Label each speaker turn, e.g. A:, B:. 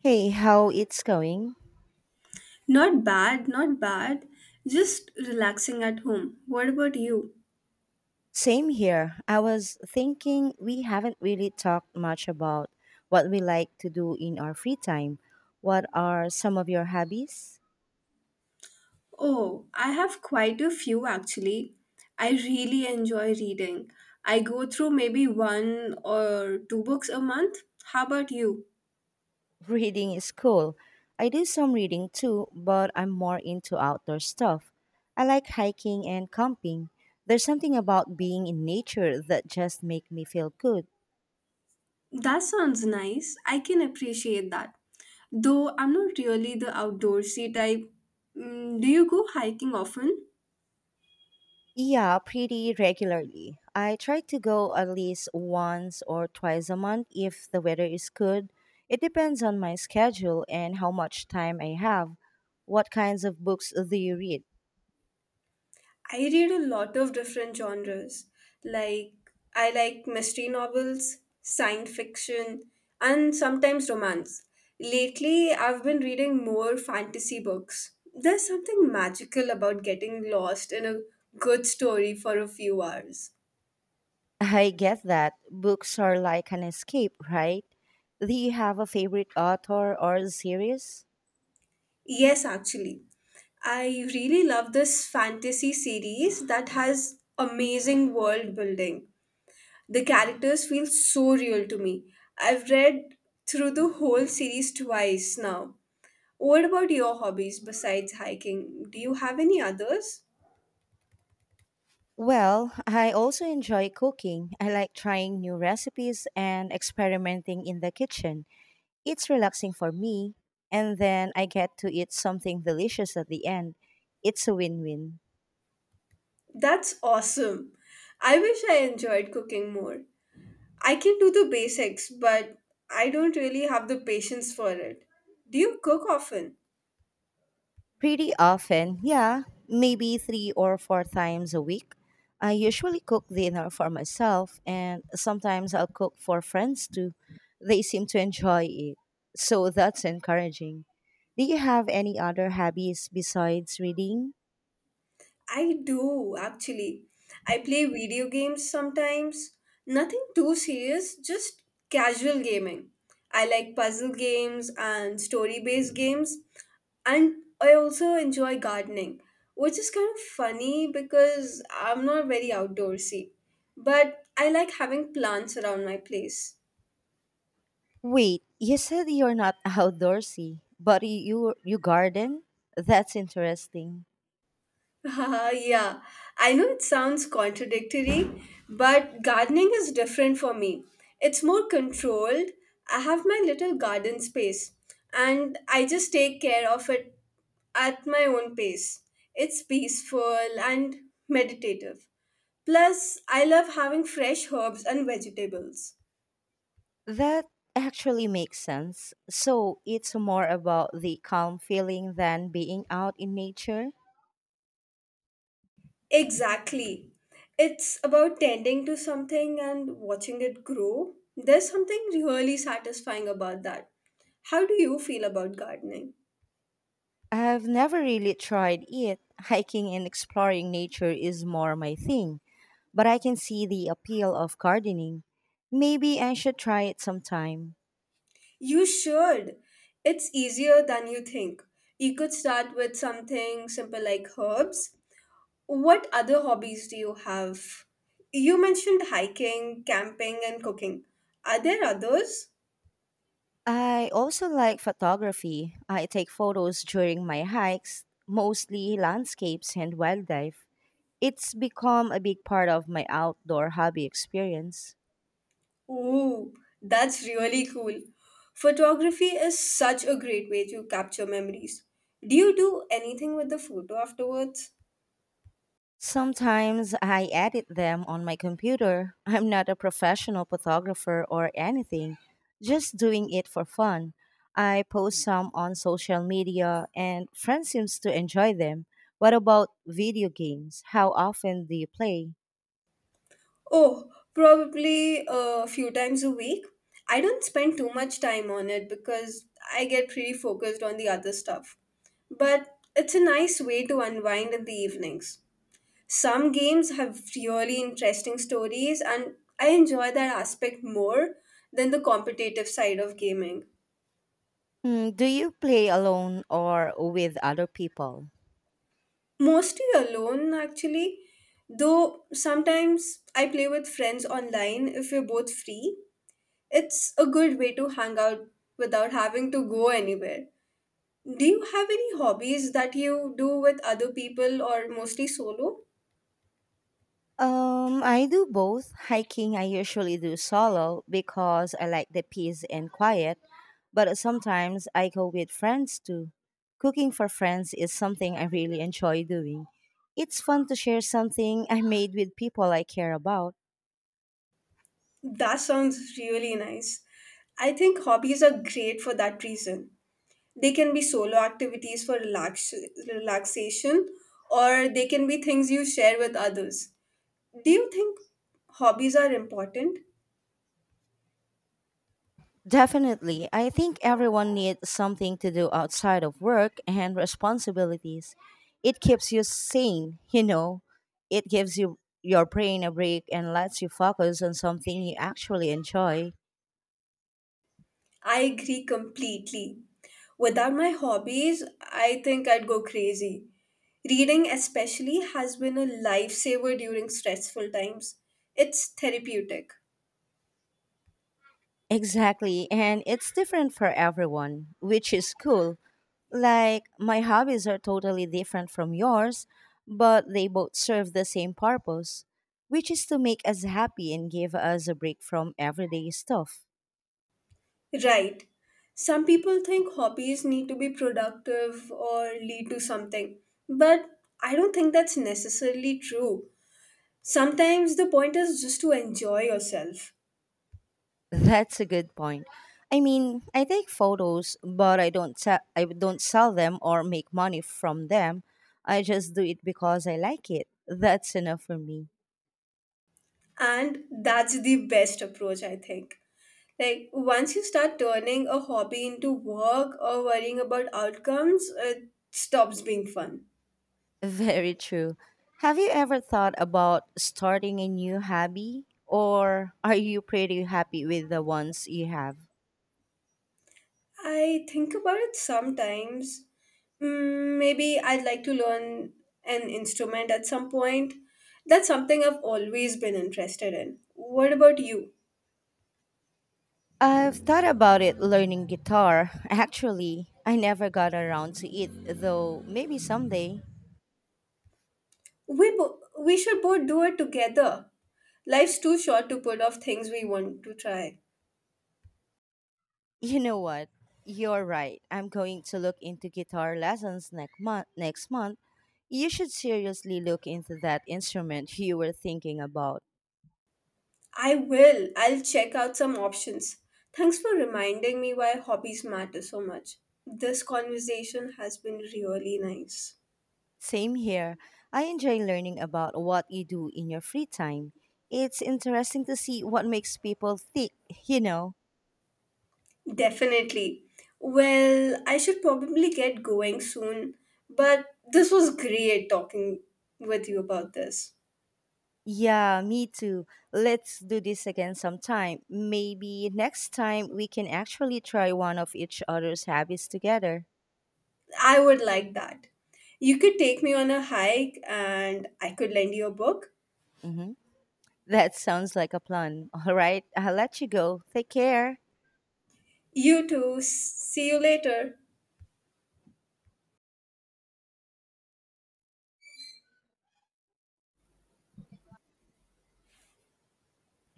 A: Hey, how it's going?
B: Not bad, not bad. Just relaxing at home. What about you?
A: Same here. I was thinking we haven't really talked much about what we like to do in our free time. What are some of your hobbies?
B: Oh, I have quite a few actually. I really enjoy reading. I go through maybe one or two books a month. How about you?
A: Reading is cool. I do some reading too, but I'm more into outdoor stuff. I like hiking and camping. There's something about being in nature that just make me feel good.
B: That sounds nice. I can appreciate that. Though I'm not really the outdoorsy type. Do you go hiking often?
A: Yeah, pretty regularly. I try to go at least once or twice a month if the weather is good. It depends on my schedule and how much time I have. What kinds of books do you read?
B: I read a lot of different genres. Like, I like mystery novels, science fiction, and sometimes romance. Lately, I've been reading more fantasy books. There's something magical about getting lost in a good story for a few hours.
A: I get that. Books are like an escape, right? Do you have a favorite author or series?
B: Yes, actually. I really love this fantasy series that has amazing world building. The characters feel so real to me. I've read through the whole series twice now. What about your hobbies besides hiking? Do you have any others?
A: Well, I also enjoy cooking. I like trying new recipes and experimenting in the kitchen. It's relaxing for me, and then I get to eat something delicious at the end. It's a win win.
B: That's awesome. I wish I enjoyed cooking more. I can do the basics, but I don't really have the patience for it. Do you cook often?
A: Pretty often, yeah, maybe three or four times a week. I usually cook dinner for myself, and sometimes I'll cook for friends too. They seem to enjoy it, so that's encouraging. Do you have any other hobbies besides reading?
B: I do actually. I play video games sometimes. Nothing too serious, just casual gaming. I like puzzle games and story based games. And I also enjoy gardening, which is kind of funny because I'm not very outdoorsy. But I like having plants around my place.
A: Wait, you said you're not outdoorsy, but you garden? That's interesting.
B: yeah, I know it sounds contradictory, but gardening is different for me. It's more controlled. I have my little garden space and I just take care of it at my own pace. It's peaceful and meditative. Plus, I love having fresh herbs and vegetables.
A: That actually makes sense. So it's more about the calm feeling than being out in nature.
B: Exactly. It's about tending to something and watching it grow. There's something really satisfying about that. How do you feel about gardening?
A: I've never really tried it. Hiking and exploring nature is more my thing, but I can see the appeal of gardening. Maybe I should try it sometime.
B: You should. It's easier than you think. You could start with something simple like herbs. What other hobbies do you have? You mentioned hiking, camping, and cooking. Are there others?
A: I also like photography. I take photos during my hikes, mostly landscapes and wildlife. It's become a big part of my outdoor hobby experience.
B: Ooh, that's really cool. Photography is such a great way to capture memories. Do you do anything with the photo afterwards?
A: Sometimes I edit them on my computer. I'm not a professional photographer or anything, just doing it for fun. I post some on social media and friends seems to enjoy them. What about video games? How often do you play?
B: Oh, probably a few times a week. I don't spend too much time on it because I get pretty focused on the other stuff. But it's a nice way to unwind in the evenings. Some games have really interesting stories, and I enjoy that aspect more than the competitive side of gaming.
A: Hmm, do you play alone or with other people?
B: Mostly alone, actually. Though sometimes I play with friends online if we're both free. It's a good way to hang out without having to go anywhere. Do you have any hobbies that you do with other people or mostly solo?
A: I do both. Hiking I usually do solo because I like the peace and quiet. But sometimes I go with friends too. Cooking for friends is something I really enjoy doing. It's fun to share something I made with people I care about.
B: That sounds really nice. I think hobbies are great for that reason. They can be solo activities for relaxation, or they can be things you share with others. Do you think hobbies are important?
A: Definitely. I think everyone needs something to do outside of work and responsibilities. It keeps you sane, you know. It gives you your brain a break and lets you focus on something you actually enjoy.
B: I agree completely. Without my hobbies, I think I'd go crazy. Reading, especially, has been a lifesaver during stressful times. It's therapeutic.
A: Exactly, and it's different for everyone, which is cool. Like, my hobbies are totally different from yours, but they both serve the same purpose, which is to make us happy and give us a break from everyday stuff.
B: Right. Some people think hobbies need to be productive or lead to something, but I don't think that's necessarily true. Sometimes the point is just to enjoy yourself,
A: That's a good point. I mean, I take photos, but I don't sell them or make money from them. I just do it because I like it. That's enough for me.
B: and that's the best approach, I think. Like once you start turning a hobby into work or worrying about outcomes, it stops being fun.
A: Very true. Have you ever thought about starting a new hobby? Or are you pretty happy with the ones you have?
B: I think about it sometimes. Maybe I'd like to learn an instrument at some point. That's something I've always been interested in. What about you?
A: I've thought about it learning guitar. Actually, I never got around to it, though maybe someday.
B: We should both do it together. Life's too short to put off things we want to try.
A: You know what? You're right. I'm going to look into guitar lessons next month. Next month. You should seriously look into that instrument you were thinking about.
B: I will. I'll check out some options. Thanks for reminding me why hobbies matter so much. This conversation has been really nice.
A: Same here. I enjoy learning about what you do in your free time. It's interesting to see what makes people tick, you know.
B: Definitely. Well, I should probably get going soon, but this was great talking with you about this.
A: Yeah, me too. Let's do this again sometime. Maybe next time we can actually try one of each other's habits together.
B: I would like that. You could take me on a hike and I could lend you a book.
A: Hmm. That sounds like a plan. All right, I'll let you go. Take care.
B: You too. See you later.